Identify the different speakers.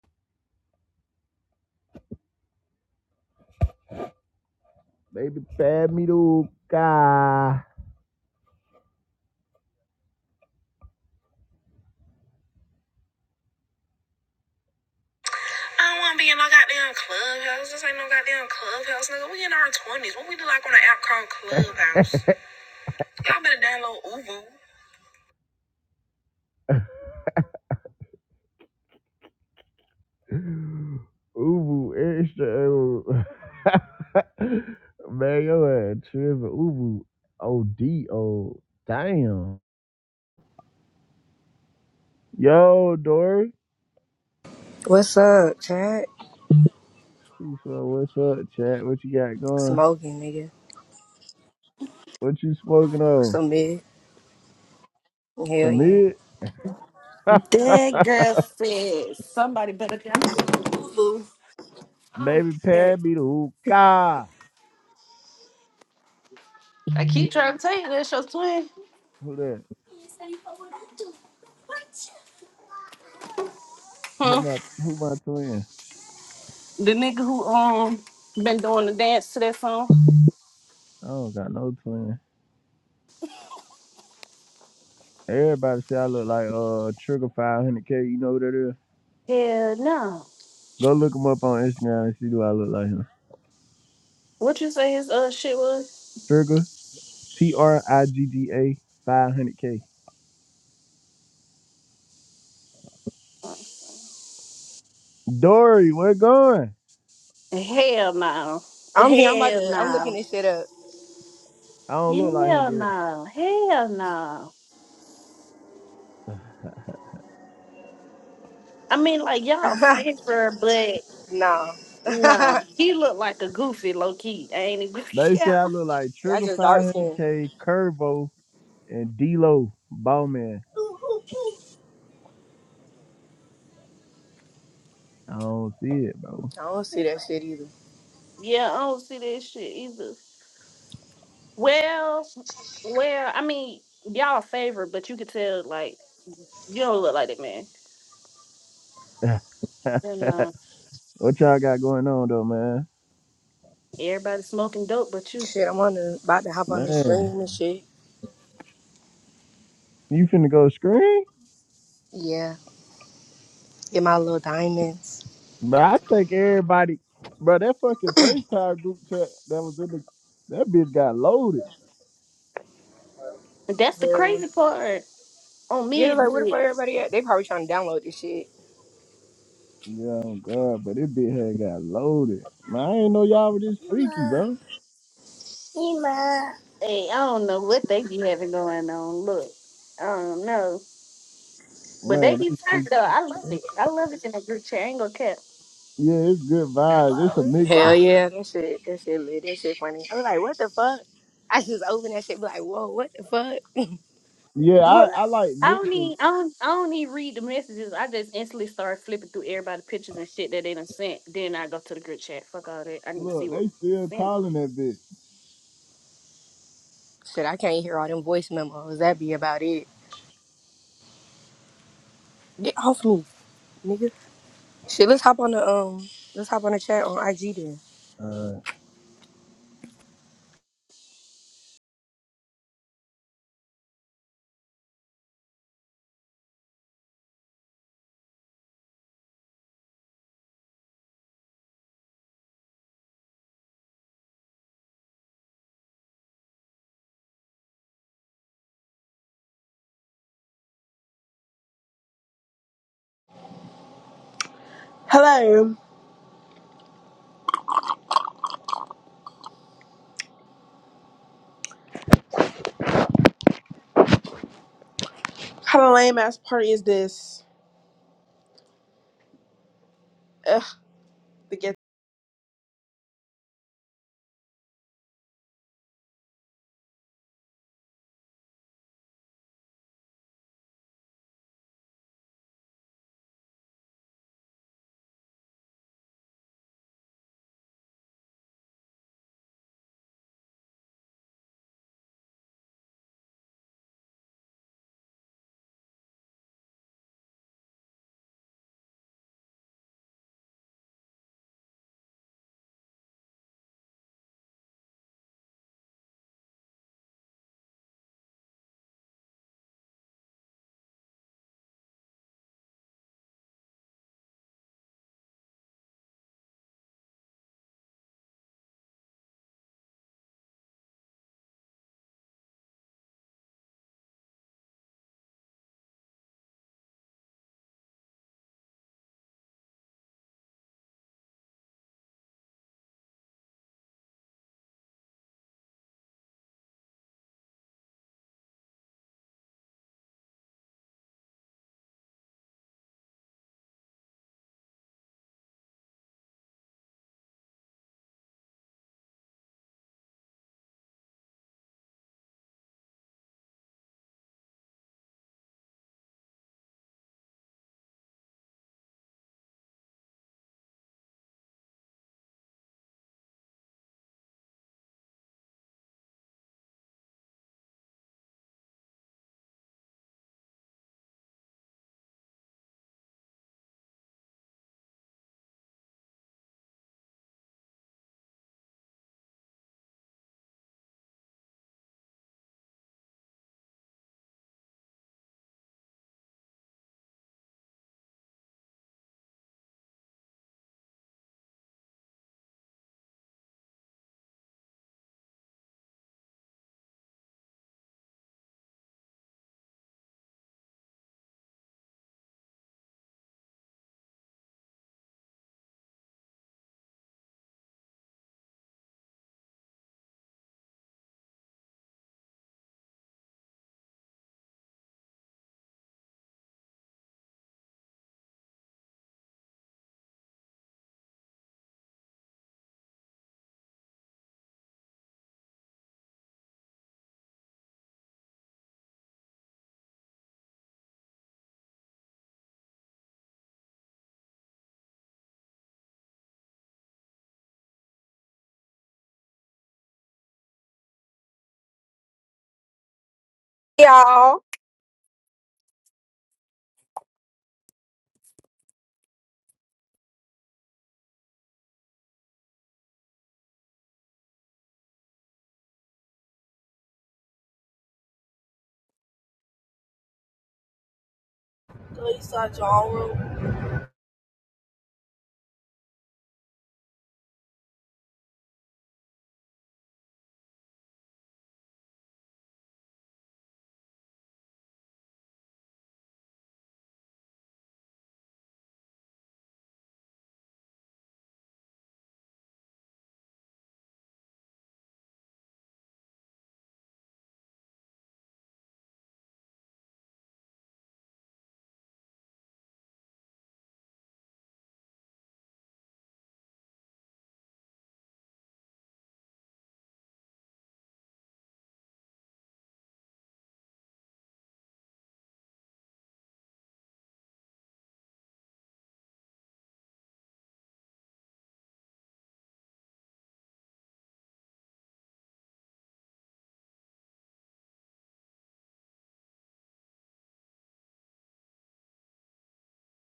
Speaker 1: Baby, pad me to guy. I don't want to be in no goddamn clubhouse. This ain't no goddamn clubhouse, nigga. We in our twenties. What we do like on an app called Clubhouse? Y'all better download Uvu. Uvu, extra Ubu. Man, yo, ass tripping. Uvu. OD, oh, damn. Yo, Dory.
Speaker 2: What's up, Chad?
Speaker 1: She said, what's up, chat? What you got going?
Speaker 2: Smoking, nigga.
Speaker 1: What you smoking on?
Speaker 2: Some mid. Hell
Speaker 1: Some
Speaker 2: yeah.
Speaker 1: mid?
Speaker 3: That girl said somebody better get boo boo. Oh
Speaker 1: Baby
Speaker 3: shit.
Speaker 1: Pat be the hookah.
Speaker 3: I keep trying to tell you that's your twin.
Speaker 1: Who that? Who
Speaker 3: Huh?
Speaker 1: my who my twin?
Speaker 3: The nigga who um been doing the dance to that song.
Speaker 1: I don't got no twin. Everybody say I look like uh Trigger 500K. You know who that is?
Speaker 3: Hell no.
Speaker 1: Go look him up on Instagram and see do I look like him.
Speaker 3: What you say his uh shit was?
Speaker 1: Trigger T R I G G A 500K. Dory, where going?
Speaker 3: Hell no.
Speaker 2: I'm here. I'm about
Speaker 3: Hell
Speaker 2: to. I'm looking
Speaker 3: no.
Speaker 2: this shit up.
Speaker 1: I don't look like him,
Speaker 3: Hell
Speaker 1: Dory.
Speaker 3: no. Hell no. I mean like y'all favor, but
Speaker 2: no.
Speaker 3: no. He looked like a goofy low key. Ain't he?
Speaker 1: They say
Speaker 3: yeah.
Speaker 1: I look like
Speaker 2: Y'all
Speaker 1: Trigger
Speaker 2: just dark skin.
Speaker 1: 500K, Curvo, and D-Lo, Ballman.
Speaker 2: I
Speaker 1: I don't see it, bro.
Speaker 2: don't see that shit either.
Speaker 3: Yeah, I don't see that shit either. Well, well, I mean, y'all favor, but you could tell like you don't look like that man. And uh,
Speaker 1: what y'all got going on though, man?
Speaker 3: everybody smoking dope, but you.
Speaker 2: Shit, I'm on the about to hop on the
Speaker 1: Man.
Speaker 2: stream and shit.
Speaker 1: You finna go scream?
Speaker 2: Yeah. Get my little diamonds.
Speaker 1: But I think everybody, bro, that fucking FaceTime group chat that was in the, that bitch got loaded.
Speaker 3: That's the
Speaker 2: Hell yeah.
Speaker 3: crazy part. On
Speaker 2: Yeah, like where the fuck
Speaker 3: midnight,
Speaker 2: everybody at? They probably trying to download this shit.
Speaker 1: Yeah, oh God, but it bitch had got loaded. Man, I ain't know y'all were this freaky, bro.
Speaker 2: Ema.
Speaker 3: hey, I don't know what they be having going on. Look, I don't know, but they
Speaker 1: Man,
Speaker 3: be
Speaker 1: they
Speaker 3: turned
Speaker 1: freak-
Speaker 3: though. I love it. I love it in a group chat. I ain't gonna cap.
Speaker 1: yeah, it's good vibes. It's a
Speaker 2: Hell
Speaker 1: mixture.
Speaker 2: yeah, that shit, that shit lit, that shit funny. I was like, what the fuck? I just opened that shit, be like, whoa, what the fuck?
Speaker 1: Yeah, I,
Speaker 3: Look,
Speaker 1: I like
Speaker 3: I don't
Speaker 1: mixtures.
Speaker 3: need. I don't, I don't need read the messages. I just instantly start flipping through everybody's pictures and shit that they done sent. Then I go to the group chat. Fuck all that. I need to see
Speaker 1: Look,
Speaker 3: what
Speaker 1: they still
Speaker 3: sent.
Speaker 1: calling that bitch.
Speaker 2: Shit, I can't hear all them voice memos. That be about it. Get off me, nigga. Shit, let's hop on the um, let's hop on the chat on IG then.
Speaker 1: Uh,
Speaker 4: Hello. How lame ass party is this? Ugh, the gay
Speaker 5: y'all. Go Eastside Y'all Room.